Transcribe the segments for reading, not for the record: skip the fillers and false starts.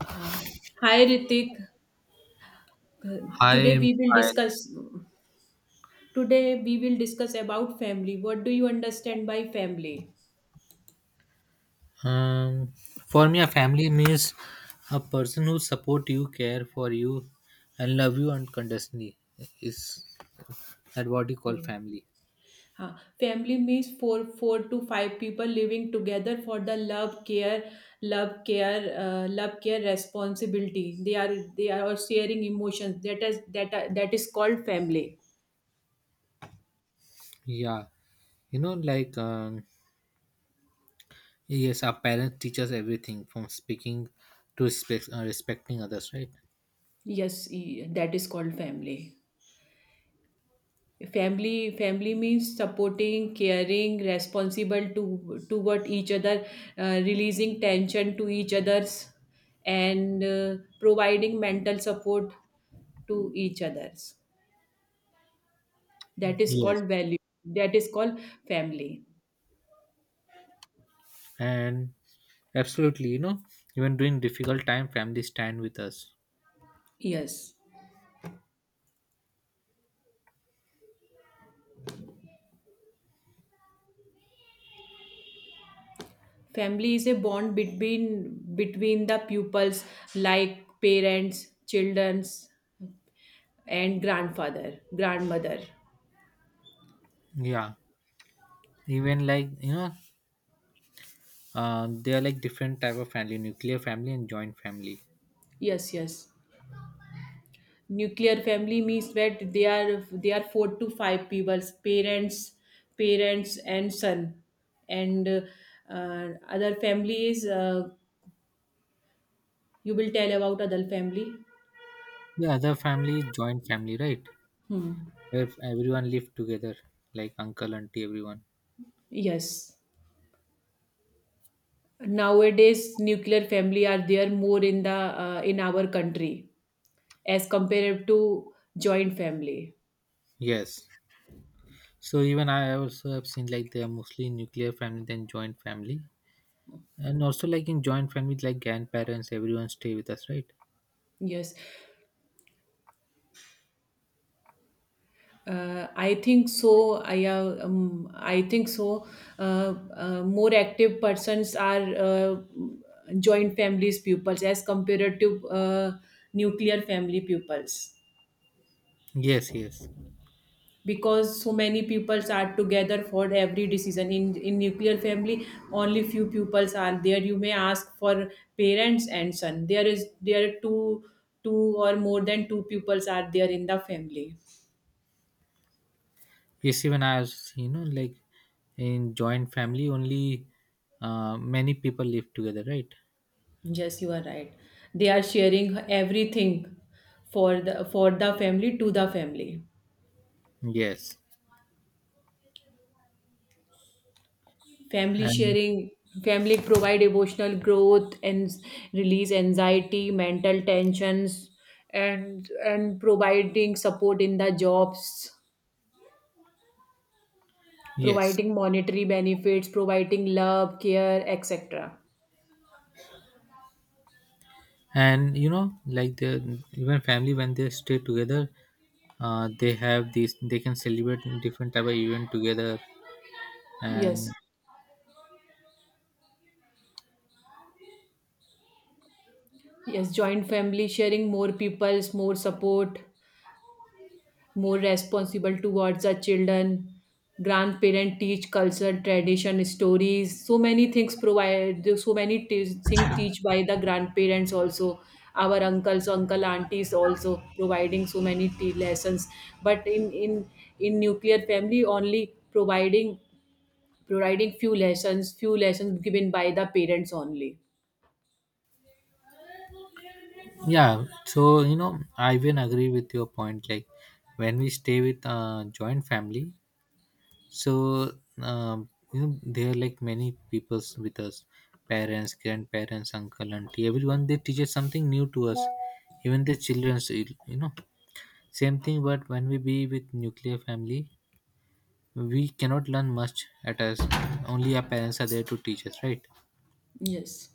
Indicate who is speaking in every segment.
Speaker 1: Uh, Hi Ritik. Uh,
Speaker 2: I
Speaker 1: Today
Speaker 2: am
Speaker 1: we will
Speaker 2: fine.
Speaker 1: discuss today we will discuss about family. What do you understand by family?
Speaker 2: Um, for me, a family means a person who support you, care for you, and love you unconditionally. Is that what you call
Speaker 1: Yeah.
Speaker 2: family?
Speaker 1: Uh, Family means four to five people living together for the love, care, love, care responsibility. They are sharing emotions. That is called family.
Speaker 2: Yeah, you know, yes, our parents teach us everything from speaking to respect, respecting others, right?
Speaker 1: Yes, that is called family. Family means supporting, caring, responsible to toward each other, releasing tension to each others, and providing mental support to each others. That is
Speaker 2: Yes,
Speaker 1: called value. That is called family.
Speaker 2: and absolutely, you know, even during difficult time, family stand with us.
Speaker 1: Yes, family is a bond between the pupils, like parents, children, and grandfather, grandmother.
Speaker 2: Yeah, even like you know, they are like different type of family: nuclear family and joint family.
Speaker 1: Yes, yes. Nuclear family means that they are four to five people, parents and son, and other families. You will tell about other family.
Speaker 2: Yeah, the other family is joint family, right? Where everyone live together, like uncle, auntie, everyone.
Speaker 1: Yes, nowadays nuclear family are there more in the in our country as compared to joint family.
Speaker 2: Yes. So even I also have seen like they are mostly nuclear family than joint family. And also like in joint family, like grandparents, everyone stay with us, right?
Speaker 1: Yes. I think so. I think so. More active persons are, joint families pupils as compared to, nuclear family pupils.
Speaker 2: Yes, yes.
Speaker 1: Because so many pupils are together for every decision in nuclear family. Only few pupils are there. You may ask for parents and son. There are two or more than two pupils are there in the family.
Speaker 2: Yes, even I have seen, you know, like in joint family only many people live together, right?
Speaker 1: Yes, you are right. They are sharing everything for the family, to the family.
Speaker 2: Yes.
Speaker 1: Family
Speaker 2: And
Speaker 1: sharing, family provide emotional growth and release anxiety, mental tensions, and providing support in the jobs,
Speaker 2: yes.
Speaker 1: providing monetary benefits, providing love, care, etc.
Speaker 2: And you know like the even family when they stay together, they have these they can celebrate different type of event together. And
Speaker 1: Yes, yes. Joint family sharing more people's more support, more responsible towards our children. Grandparent teach culture, tradition, stories. So many things provide. So many things teach by the grandparents also. Our uncles, uncle, aunties also providing so many lessons. But in nuclear family only providing few lessons given by the parents only.
Speaker 2: yeah, so you know, I even agree with your point like when we stay with joint family, so you know there are like many peoples with us, parents, grandparents, uncle, auntie, everyone, they teach us something new to us, even the children's, you know, same thing. But when we be with nuclear family, we cannot learn much at us. Only our parents are there to teach us, right?
Speaker 1: Yes.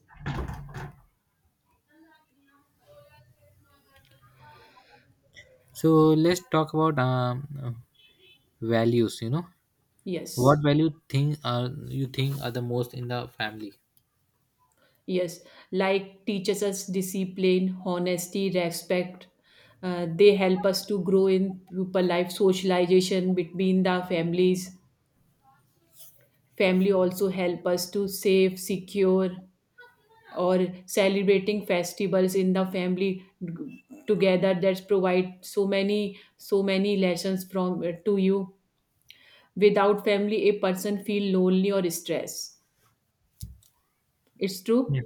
Speaker 2: So let's talk about values, you know. What
Speaker 1: Yes.
Speaker 2: value thing are you think are the most in the family?
Speaker 1: Yes, like teaches us discipline, honesty, respect. They help us to grow in people life socialization between the families. Family also help us to save, secure, or celebrating festivals in the family together. That provide so many lessons from, to you. Without family, a person feel lonely or stress. It's true.
Speaker 2: Yes,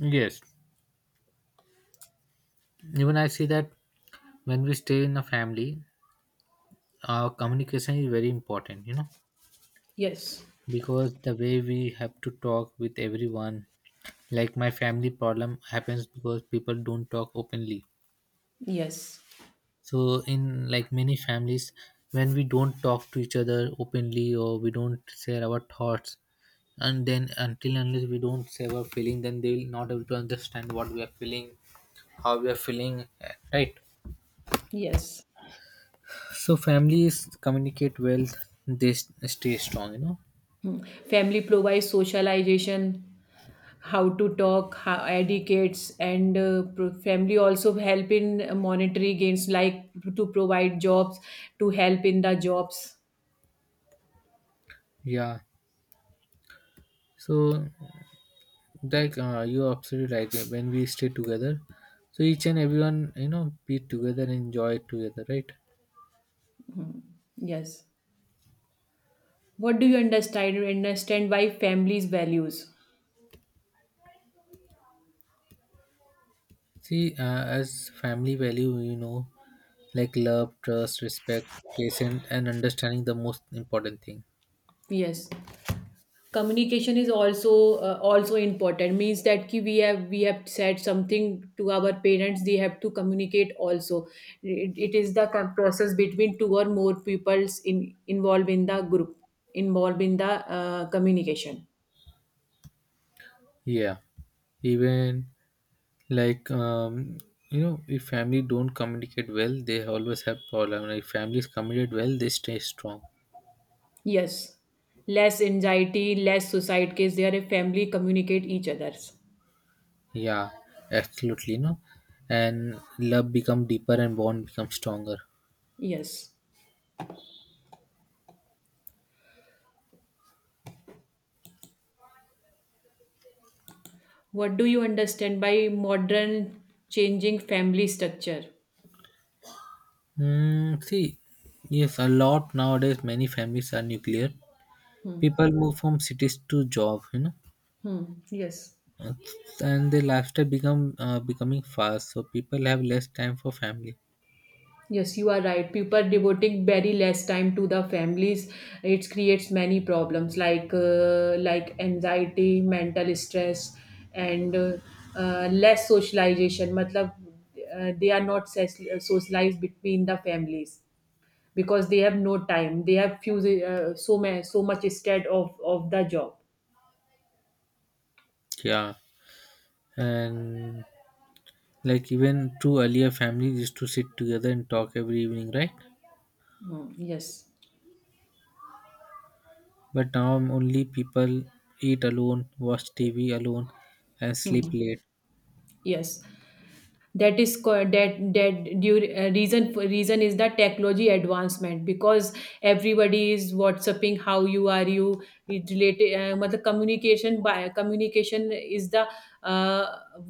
Speaker 2: yes, even I see that when we stay in a family, our communication is very important, you know.
Speaker 1: Yes.
Speaker 2: Because the way we have to talk with everyone, like my family problem happens because people don't talk openly.
Speaker 1: Yes.
Speaker 2: So in like many families, when we don't talk to each other openly or we don't share our thoughts, and then until unless we don't share our feeling, then they will not able to understand what we are feeling, how we are feeling, right?
Speaker 1: Yes.
Speaker 2: So families communicate well, they stay strong, you know.
Speaker 1: Family provides socialization, how to talk, how educates, and family also help in monetary gains, like to provide jobs, to help in the jobs.
Speaker 2: Yeah, so like you're absolutely right. When we stay together, so each and everyone, you know, be together and enjoy together, right?
Speaker 1: Yes. What do you understand? Understand why families values?
Speaker 2: See, as family value, you know, like love, trust, respect, patience, and understanding, the most important thing.
Speaker 1: Yes. Communication is also, also important, means that ki we have said something to our parents, they have to communicate also. It is the process between two or more peoples in involved in the group involved in the communication.
Speaker 2: Yeah, even like um, you know, if family don't communicate well, they always have problem. If families communicate well, they stay strong.
Speaker 1: Yes, less anxiety, less suicide case, they are family communicate each others.
Speaker 2: Yeah, absolutely. You know, and love become deeper and bond become stronger.
Speaker 1: Yes. What do you understand by modern, changing family structure?
Speaker 2: Mm, see, yes, a lot nowadays. Many families are nuclear.
Speaker 1: Hmm.
Speaker 2: People move from cities to job. You know,
Speaker 1: Hmm. Yes.
Speaker 2: Uh, and the lifestyle become becoming fast, so people have less time for family.
Speaker 1: Yes, you are right. People devoting very less time to the families. It creates many problems like anxiety, mental stress, and less socialization. मतलब, they are not socialized between the families because they have no time. They have few, so much instead of the job.
Speaker 2: Yeah, and like even two earlier families used to sit together and talk every evening, right?
Speaker 1: Hmm, yes.
Speaker 2: But now only people eat alone, watch tv alone, and sleep
Speaker 1: Hmm.
Speaker 2: late.
Speaker 1: Yes. that is co- that that due, Reason is the technology advancement because everybody is whatsapping how you are you. It related, matlab, communication is the, uh,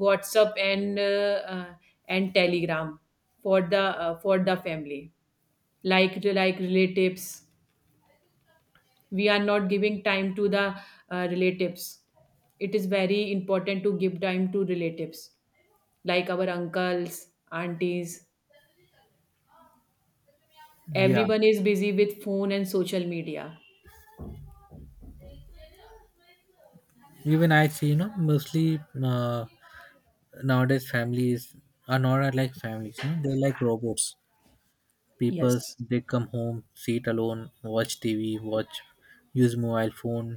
Speaker 1: WhatsApp, and and Telegram for the family, like relatives. We are not giving time to the, relatives. It is very important to give time to relatives, like our uncles, aunties.
Speaker 2: Yeah,
Speaker 1: Everyone is busy with phone and social media.
Speaker 2: even I see, you know, mostly uh, nowadays families are not like families, you know, they're like robots. People,
Speaker 1: Yes,
Speaker 2: they come home, sit alone, watch tv, watch, use mobile phone.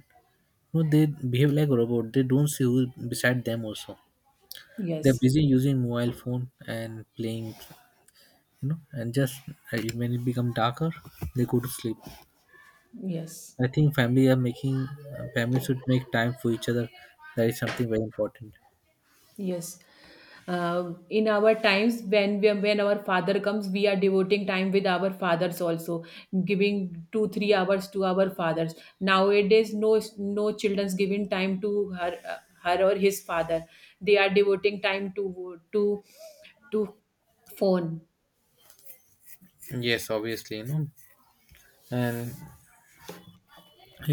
Speaker 2: No, they behave like robot. They don't see who beside them also. They're
Speaker 1: yes,
Speaker 2: busy using mobile phone and playing, you know, and just when it become darker, they go to sleep.
Speaker 1: yes,
Speaker 2: I think family are making families should make time for each other. That is something very important.
Speaker 1: yes. In our times, when our father comes, we are devoting time with our fathers also, giving 2 3 hours to our fathers. Nowadays, no childrens giving time to her or his father. They are devoting time to phone.
Speaker 2: Yes, obviously, you know. And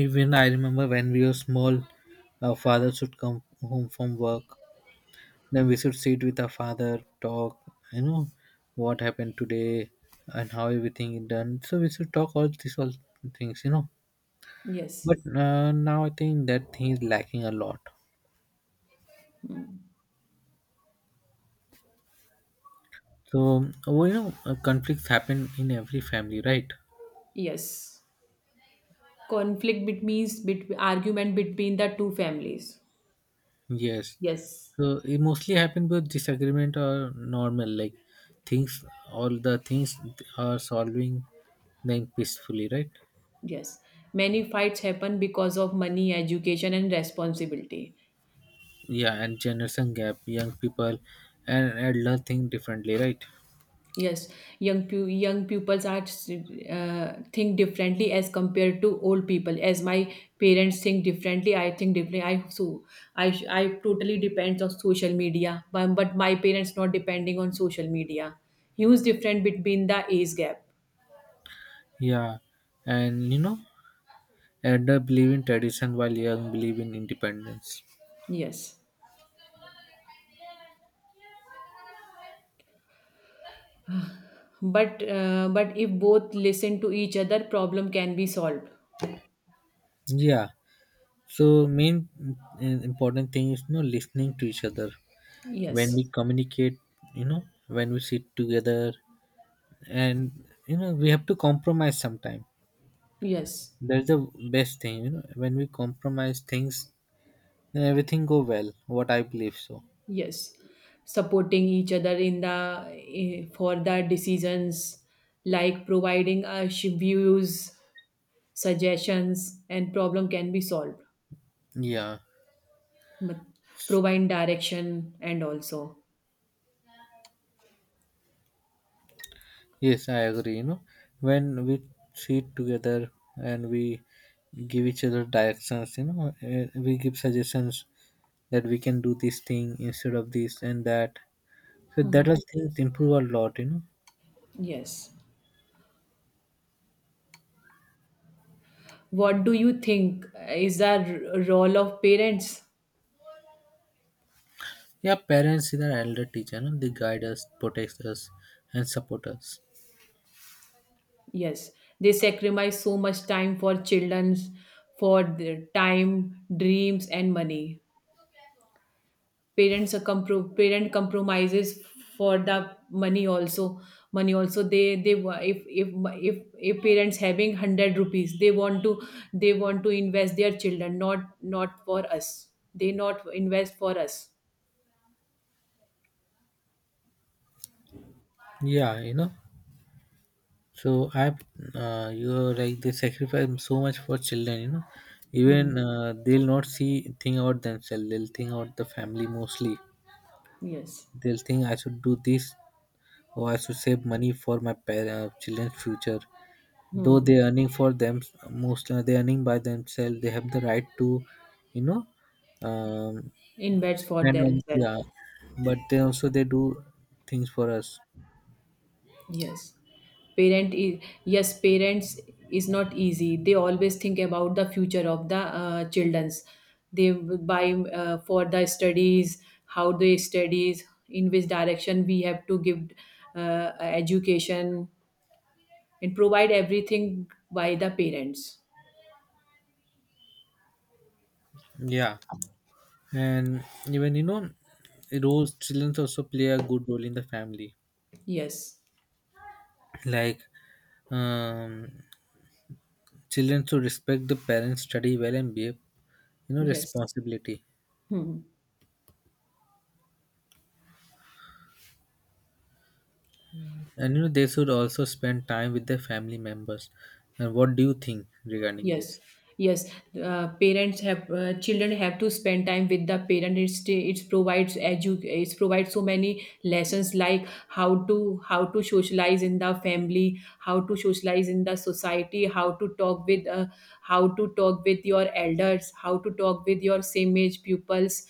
Speaker 2: even I remember when we were small, our father should come home from work. Then we should sit with our father, talk, you know, what happened today and how everything is done. So we should talk all these all things, you know. But
Speaker 1: Yes,
Speaker 2: now I think that thing is lacking a lot. So, well, you know, conflicts happen in every family, right?
Speaker 1: yes. Conflict between argument between the two families.
Speaker 2: Yes.
Speaker 1: Yes,
Speaker 2: So it mostly happen with disagreement or normal, like things, all the things are solving them peacefully, right?
Speaker 1: yes. Many fights happen because of money, education, and responsibility.
Speaker 2: Yeah, and generation gap, young people and adults think differently, right?
Speaker 1: Yes. Young pupils are, think differently as compared to old people. As my parents think differently, I think differently. I, so I totally depends on social media, but my parents not depending on social media. Huge difference between the age gap.
Speaker 2: Yeah, and you know, elder believe in tradition while young believe in independence.
Speaker 1: Yes. But if both listen to each other, problem can be solved.
Speaker 2: Yeah, so important thing is you know listening to each other when we
Speaker 1: Yes.
Speaker 2: communicate. You know, when we sit together, and you know we have to compromise sometime.
Speaker 1: Yes.
Speaker 2: That's the best thing. You know, when we compromise things, then everything go well. What I believe so.
Speaker 1: Yes. Supporting each other for the decisions, like providing views, suggestions, and problem can be solved.
Speaker 2: Yeah.
Speaker 1: But provide direction and also.
Speaker 2: Yes, I agree. You know, when we sit together and we give each other directions, you know, we give suggestions that we can do this thing instead of this and that. So that was things improve a lot, you know.
Speaker 1: Yes. What do you think is the role of parents?
Speaker 2: Yeah, parents is our elder teacher, no? They guide us, protect us, and support us.
Speaker 1: Yes, they sacrifice so much time for children's, for their time, dreams, and money. Parent compromises for the money also. Money also, they wa- if parents having hundred rupees, they want to invest their children, not for us. They not invest for us.
Speaker 2: Yeah, you know. So I have you're like they sacrifice so much for children, you know.
Speaker 1: Hmm.
Speaker 2: Even they'll not see think about themselves; they'll think about the family mostly.
Speaker 1: Yes,
Speaker 2: They'll think I should do this or I should save money for my children's future. Though they're earning for them, most they're earning by themselves. They have the right to, you know, um,
Speaker 1: invest for
Speaker 2: spend on,
Speaker 1: themselves.
Speaker 2: yeah. But they also they do things for us.
Speaker 1: Yes. Parent is yes, parents is not easy. They always think about the future of the, childrens. They buy, for the studies, how they studies, in which direction we have to give, education and provide everything by the parents.
Speaker 2: Yeah, and even you know, roles children also play a good role in the family.
Speaker 1: Yes.
Speaker 2: Like um, children should respect the parents, study well, and behave. You know,
Speaker 1: Yes.
Speaker 2: responsibility.
Speaker 1: Hmm.
Speaker 2: And you know, they should also spend time with their family members. And what do you think regarding
Speaker 1: Yes,
Speaker 2: this?
Speaker 1: yes. Parents have Children have to spend time with the parent. It provides so many lessons like how to socialize in the family, how to socialize in the society, how to talk with your elders, how to talk with your same age pupils,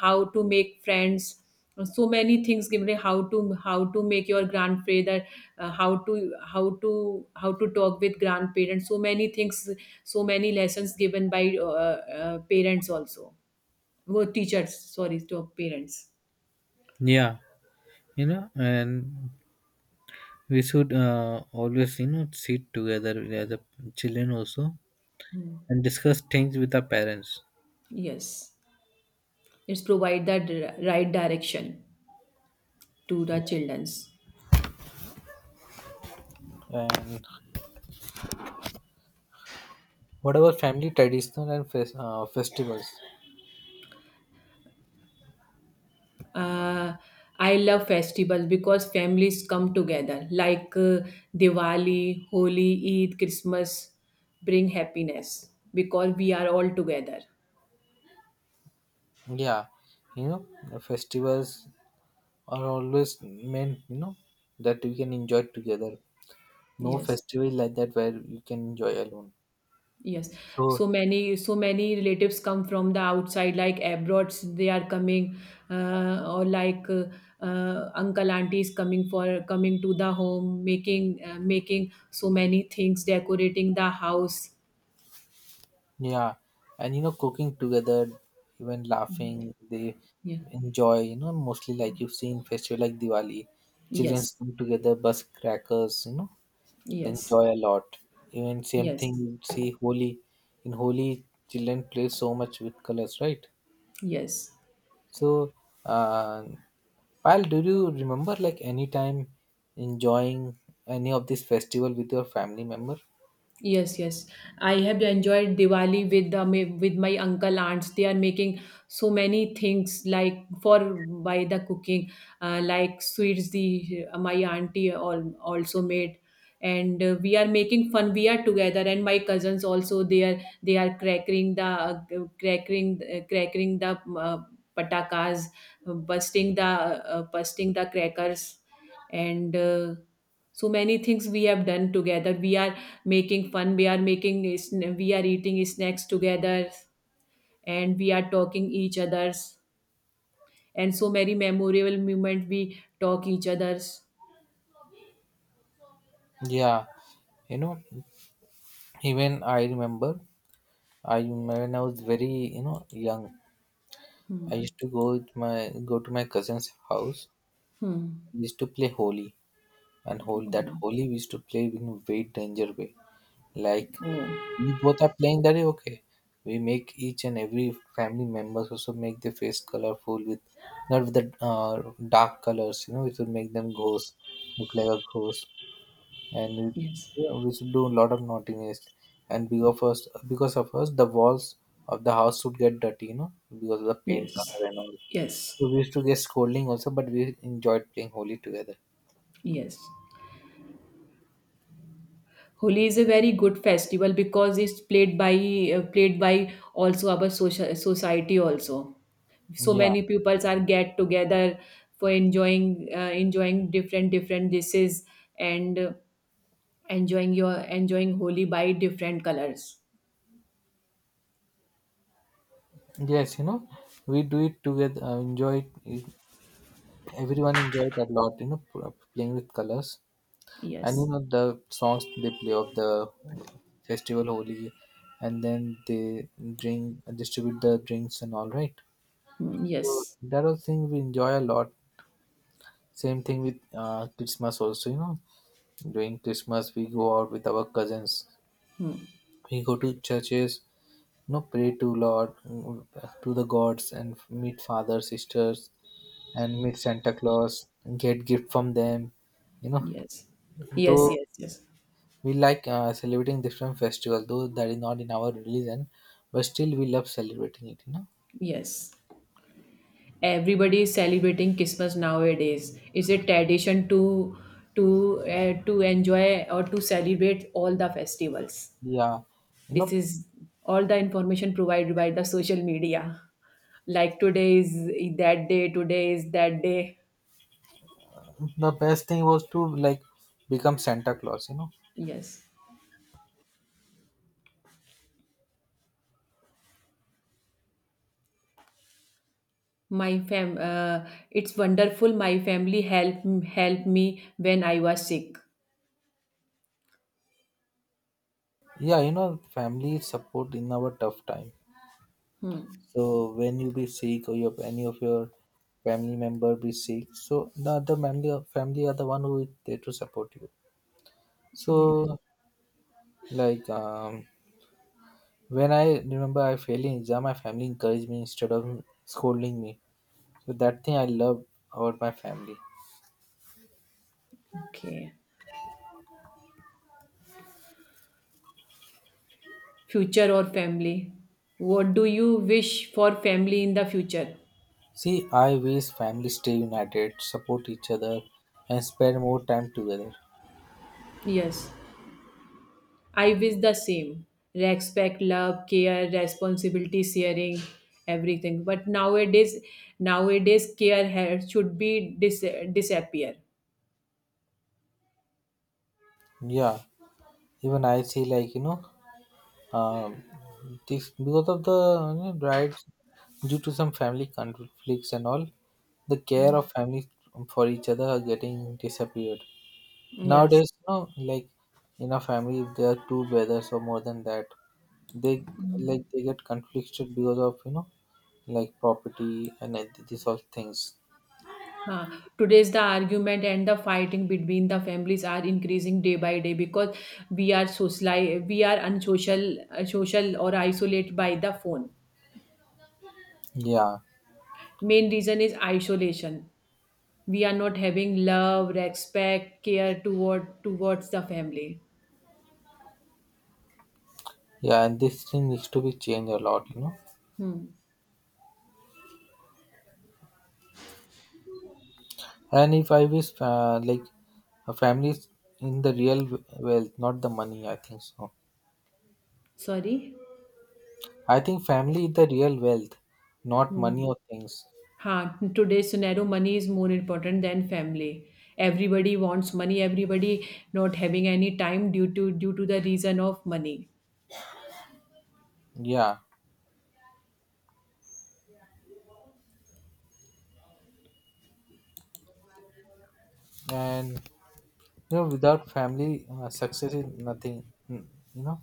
Speaker 1: how to make friends, so many things given, like how to make your grandfather, how to talk with grandparents, so many things, so many lessons given by parents also, well, teachers, sorry, to parents.
Speaker 2: Yeah, you know, and we should always, you know, sit together as a children also and discuss things with our parents.
Speaker 1: Yes, it's provide that right direction to the childrens.
Speaker 2: And what about family traditional and festivals?
Speaker 1: Uh, I love festivals because families come together, like, Diwali, Holi, Eid, Christmas, bring happiness because we are all together.
Speaker 2: Yeah, you know, the festivals are always meant, you know, that we can enjoy together. No
Speaker 1: Yes,
Speaker 2: festival like that where you can enjoy alone.
Speaker 1: yes.
Speaker 2: So
Speaker 1: So many relatives come from the outside, like abroad. They are coming, or like, uncle, aunties coming to the home, making, making so many things, decorating the house.
Speaker 2: yeah, and you know, cooking together, even laughing, they
Speaker 1: Yeah.
Speaker 2: enjoy. You know, mostly like you see in festival like Diwali, children
Speaker 1: Yes.
Speaker 2: come together, bus crackers. You know, they
Speaker 1: Yes.
Speaker 2: enjoy a lot. Even same thing
Speaker 1: Yes.
Speaker 2: you see Holi. In Holi, children play so much with colors, right?
Speaker 1: Yes.
Speaker 2: So, uh, Pal, do you remember like any time enjoying any of this festival with your family member?
Speaker 1: Yes, yes. I have enjoyed Diwali with my uncle, aunts. They are making so many things, like for by the cooking, like sweets. The My auntie all, also made, and we are making fun. We are together, and my cousins also. They are cracking the, patakas, busting the crackers, and. So many things we have done together. We are making fun. We are eating snacks together, and we are talking each others, and so many memorable moment we talk each others.
Speaker 2: Yeah, you know, even I remember. I when I was very you know young, I
Speaker 1: Hmm.
Speaker 2: used to go with my go to my cousin's house.
Speaker 1: Hmm.
Speaker 2: We used to play holy, and
Speaker 1: Mhm.
Speaker 2: holy we used to play in a very danger way. Like we
Speaker 1: Oh.
Speaker 2: both are playing, that is okay. We make each and every family members also make their face colorful with, not with the dark colors. You know, it will make them ghosts look like a ghost and we,
Speaker 1: Yes,
Speaker 2: yeah, we should do a lot of naughtiness. And because of us, the walls of the house would get dirty, you know, because of the paint
Speaker 1: yes,
Speaker 2: color and all.
Speaker 1: yes,
Speaker 2: So we used to get scolding also, but we enjoyed playing Holi together.
Speaker 1: yes. Holi is a very good festival because it's played by also our social society also. So
Speaker 2: Yeah.
Speaker 1: many peoples are get together for enjoying different dishes, and enjoying Holi by different colors.
Speaker 2: Yes, you know, we do it together. Enjoy it. Everyone enjoyed a lot. You know, playing with colors, and you
Speaker 1: Yes.
Speaker 2: know the songs they play of the festival Holi, and then they drink distribute the drinks and all, right.
Speaker 1: Hmm,
Speaker 2: So,
Speaker 1: yes.
Speaker 2: that was thing we enjoy a lot. Same thing with Christmas also, you know. During Christmas, we go out with our cousins.
Speaker 1: Hmm,
Speaker 2: We go to churches, you know, pray to Lord, mm, to the gods, and meet father, sisters, and meet Santa Claus, and get gift from them. You know,
Speaker 1: yes. Yes.
Speaker 2: though
Speaker 1: Yes. Yes.
Speaker 2: we like celebrating different festivals, though that is not in our religion, but still we love celebrating it. You know,
Speaker 1: Yes. Everybody is celebrating Christmas nowadays. It's a tradition to enjoy or to celebrate all the festivals.
Speaker 2: yeah, you
Speaker 1: This
Speaker 2: know,
Speaker 1: is all the information provided by the social media. Like today is that day, today is that day.
Speaker 2: the best thing was to like become Santa Claus. You know,
Speaker 1: Yes. My fam It's wonderful, my family help me when I was sick.
Speaker 2: yeah, you know, family support in our tough time. So when you be sick or your any of your family member be sick, so the other family are the one who is there to support you. So like when I remember I failed in exam, my family encouraged me instead of scolding me. So that thing I love about my family.
Speaker 1: Okay. Future or family? What do you wish for family in the future?
Speaker 2: See, I wish family stay united, support each other, and spend more time together.
Speaker 1: Yes. I wish the same. Respect, love, care, responsibility, sharing, everything. But nowadays care should be disappear.
Speaker 2: Yeah, even I see like you know, Um, this because of the you know, rights due to some family conflicts and all, the care of family for each other are getting disappeared.
Speaker 1: Yes.
Speaker 2: Nowadays, you know, like in a family, if there are two brothers or more than that, they like they get conflicted because of you know like property and these sort of things.
Speaker 1: Huh. Today's the argument and the fighting between the families are increasing day by day because we are social, we are unsocial, social or isolated by the phone.
Speaker 2: Yeah,
Speaker 1: Main reason is isolation. We are not having love, respect, care towards the family.
Speaker 2: yeah, and this thing needs to be changed a lot. You know.
Speaker 1: Hmm.
Speaker 2: And if I wish, like, a family is in the real wealth, not the money, I think so.
Speaker 1: Sorry.
Speaker 2: I think family is the real wealth, not
Speaker 1: Hmm.
Speaker 2: money or things.
Speaker 1: Huh. In today's scenario, money is more important than family. Everybody wants money. Everybody not having any time due to the reason of money.
Speaker 2: Yeah. And, you know, without family, success is nothing, mm, you know?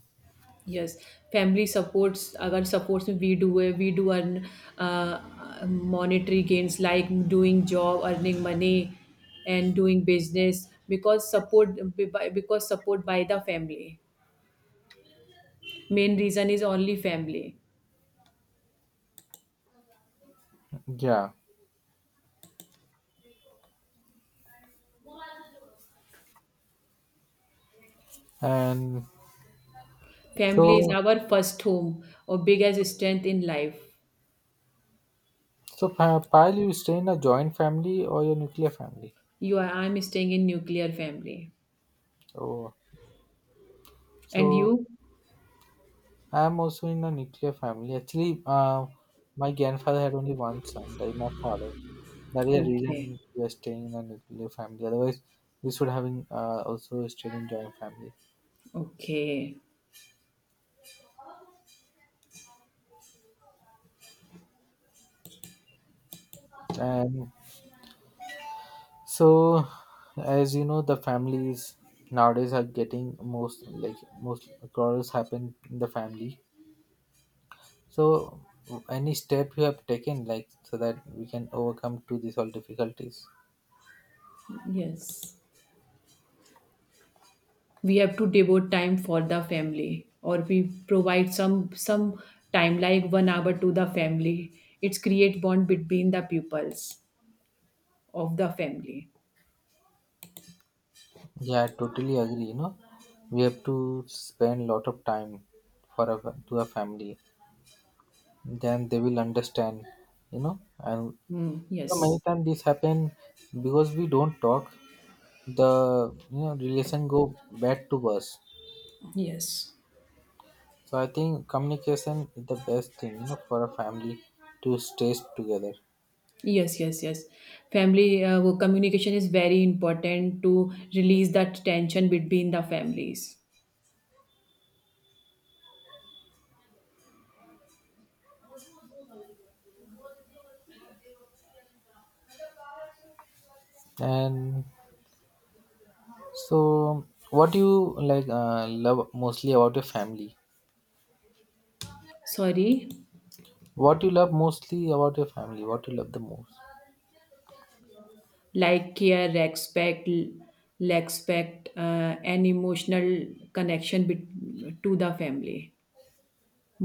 Speaker 1: Yes, family supports. अगर supports में we do है, we do earn, uh, monetary gains like doing job, earning money, and doing business because support by the family. Main reason is only family.
Speaker 2: Yeah. And
Speaker 1: Family is
Speaker 2: so,
Speaker 1: our first home or biggest strength in life.
Speaker 2: so Payal, you stay in a joint family or your nuclear family?
Speaker 1: You are I'm staying in nuclear family,
Speaker 2: Oh,
Speaker 1: and
Speaker 2: so
Speaker 1: you?
Speaker 2: I am also in a nuclear family. Actually, my grandfather had only one son, that is my father. That is the
Speaker 1: Okay,
Speaker 2: reason we are staying in a nuclear family. Otherwise, we should have been, also stayed in joint family.
Speaker 1: okay,
Speaker 2: And so, as you know, the families nowadays are getting most like most quarrels happen in the family. So, any step you have taken, like so that we can overcome to these all difficulties.
Speaker 1: yes. We have to devote time for the family, or we provide some time like 1 hour to the family. It's create bond between the pupils of the family.
Speaker 2: Yeah, I totally agree. You know, we have to spend lot of time for a to a family. Then they will understand. You know, and
Speaker 1: Hmm,
Speaker 2: you know, many
Speaker 1: yes,
Speaker 2: times this happen because we don't talk. The you know relation go bad to worse.
Speaker 1: yes,
Speaker 2: So I think communication is the best thing. You know, for a family to stay together.
Speaker 1: yes, yes, yes. Family, communication is very important to release that tension between the families.
Speaker 2: And so, what do you like love mostly about your family?
Speaker 1: Sorry.
Speaker 2: What you love mostly about your family? What you love the most?
Speaker 1: Like care, respect, respect, and emotional connection to the family,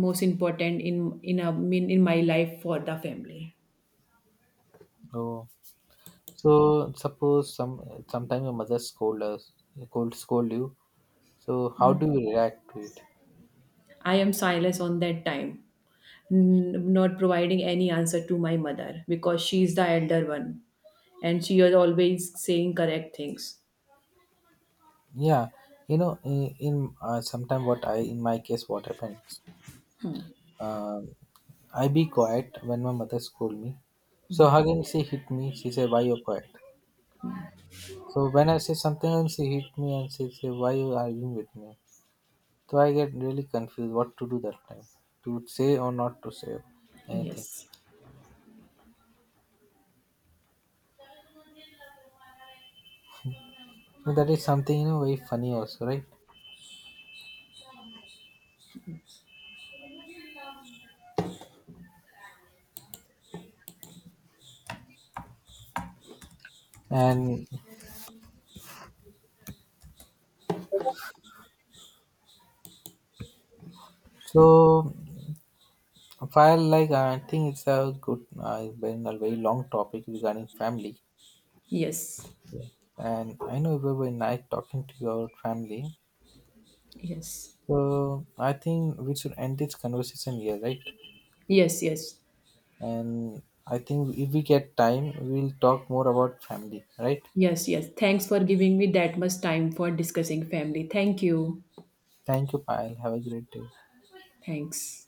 Speaker 1: most important in a mean in my life for the family.
Speaker 2: Oh. So suppose sometime your mother could scold you. So how do you react to it?
Speaker 1: I am silent on that time, not providing any answer to my mother because she is the elder one, and she is always saying correct things.
Speaker 2: Yeah, you know, in sometime what I in my case what happens, um, I be quiet when my mother scold me. So again she hit me. She said, "Why you quiet?" So when I say something and she hit me and she say, "Why you arguing with me?" So I get really confused what to do that time, to say or not to say anything.
Speaker 1: Yes,
Speaker 2: So that is something you know very funny also, right? And so, file like I think it's a good, been a very long topic regarding family.
Speaker 1: yes,
Speaker 2: Yeah. And I know it will be nice talking to your family.
Speaker 1: yes,
Speaker 2: So, I think we should end this conversation here, right?
Speaker 1: yes, yes,
Speaker 2: And I think if we get time, we'll talk more about family, right?
Speaker 1: yes, yes. Thanks for giving me that much time for discussing family. Thank you.
Speaker 2: Thank you, Payal. Have a great day.
Speaker 1: Thanks.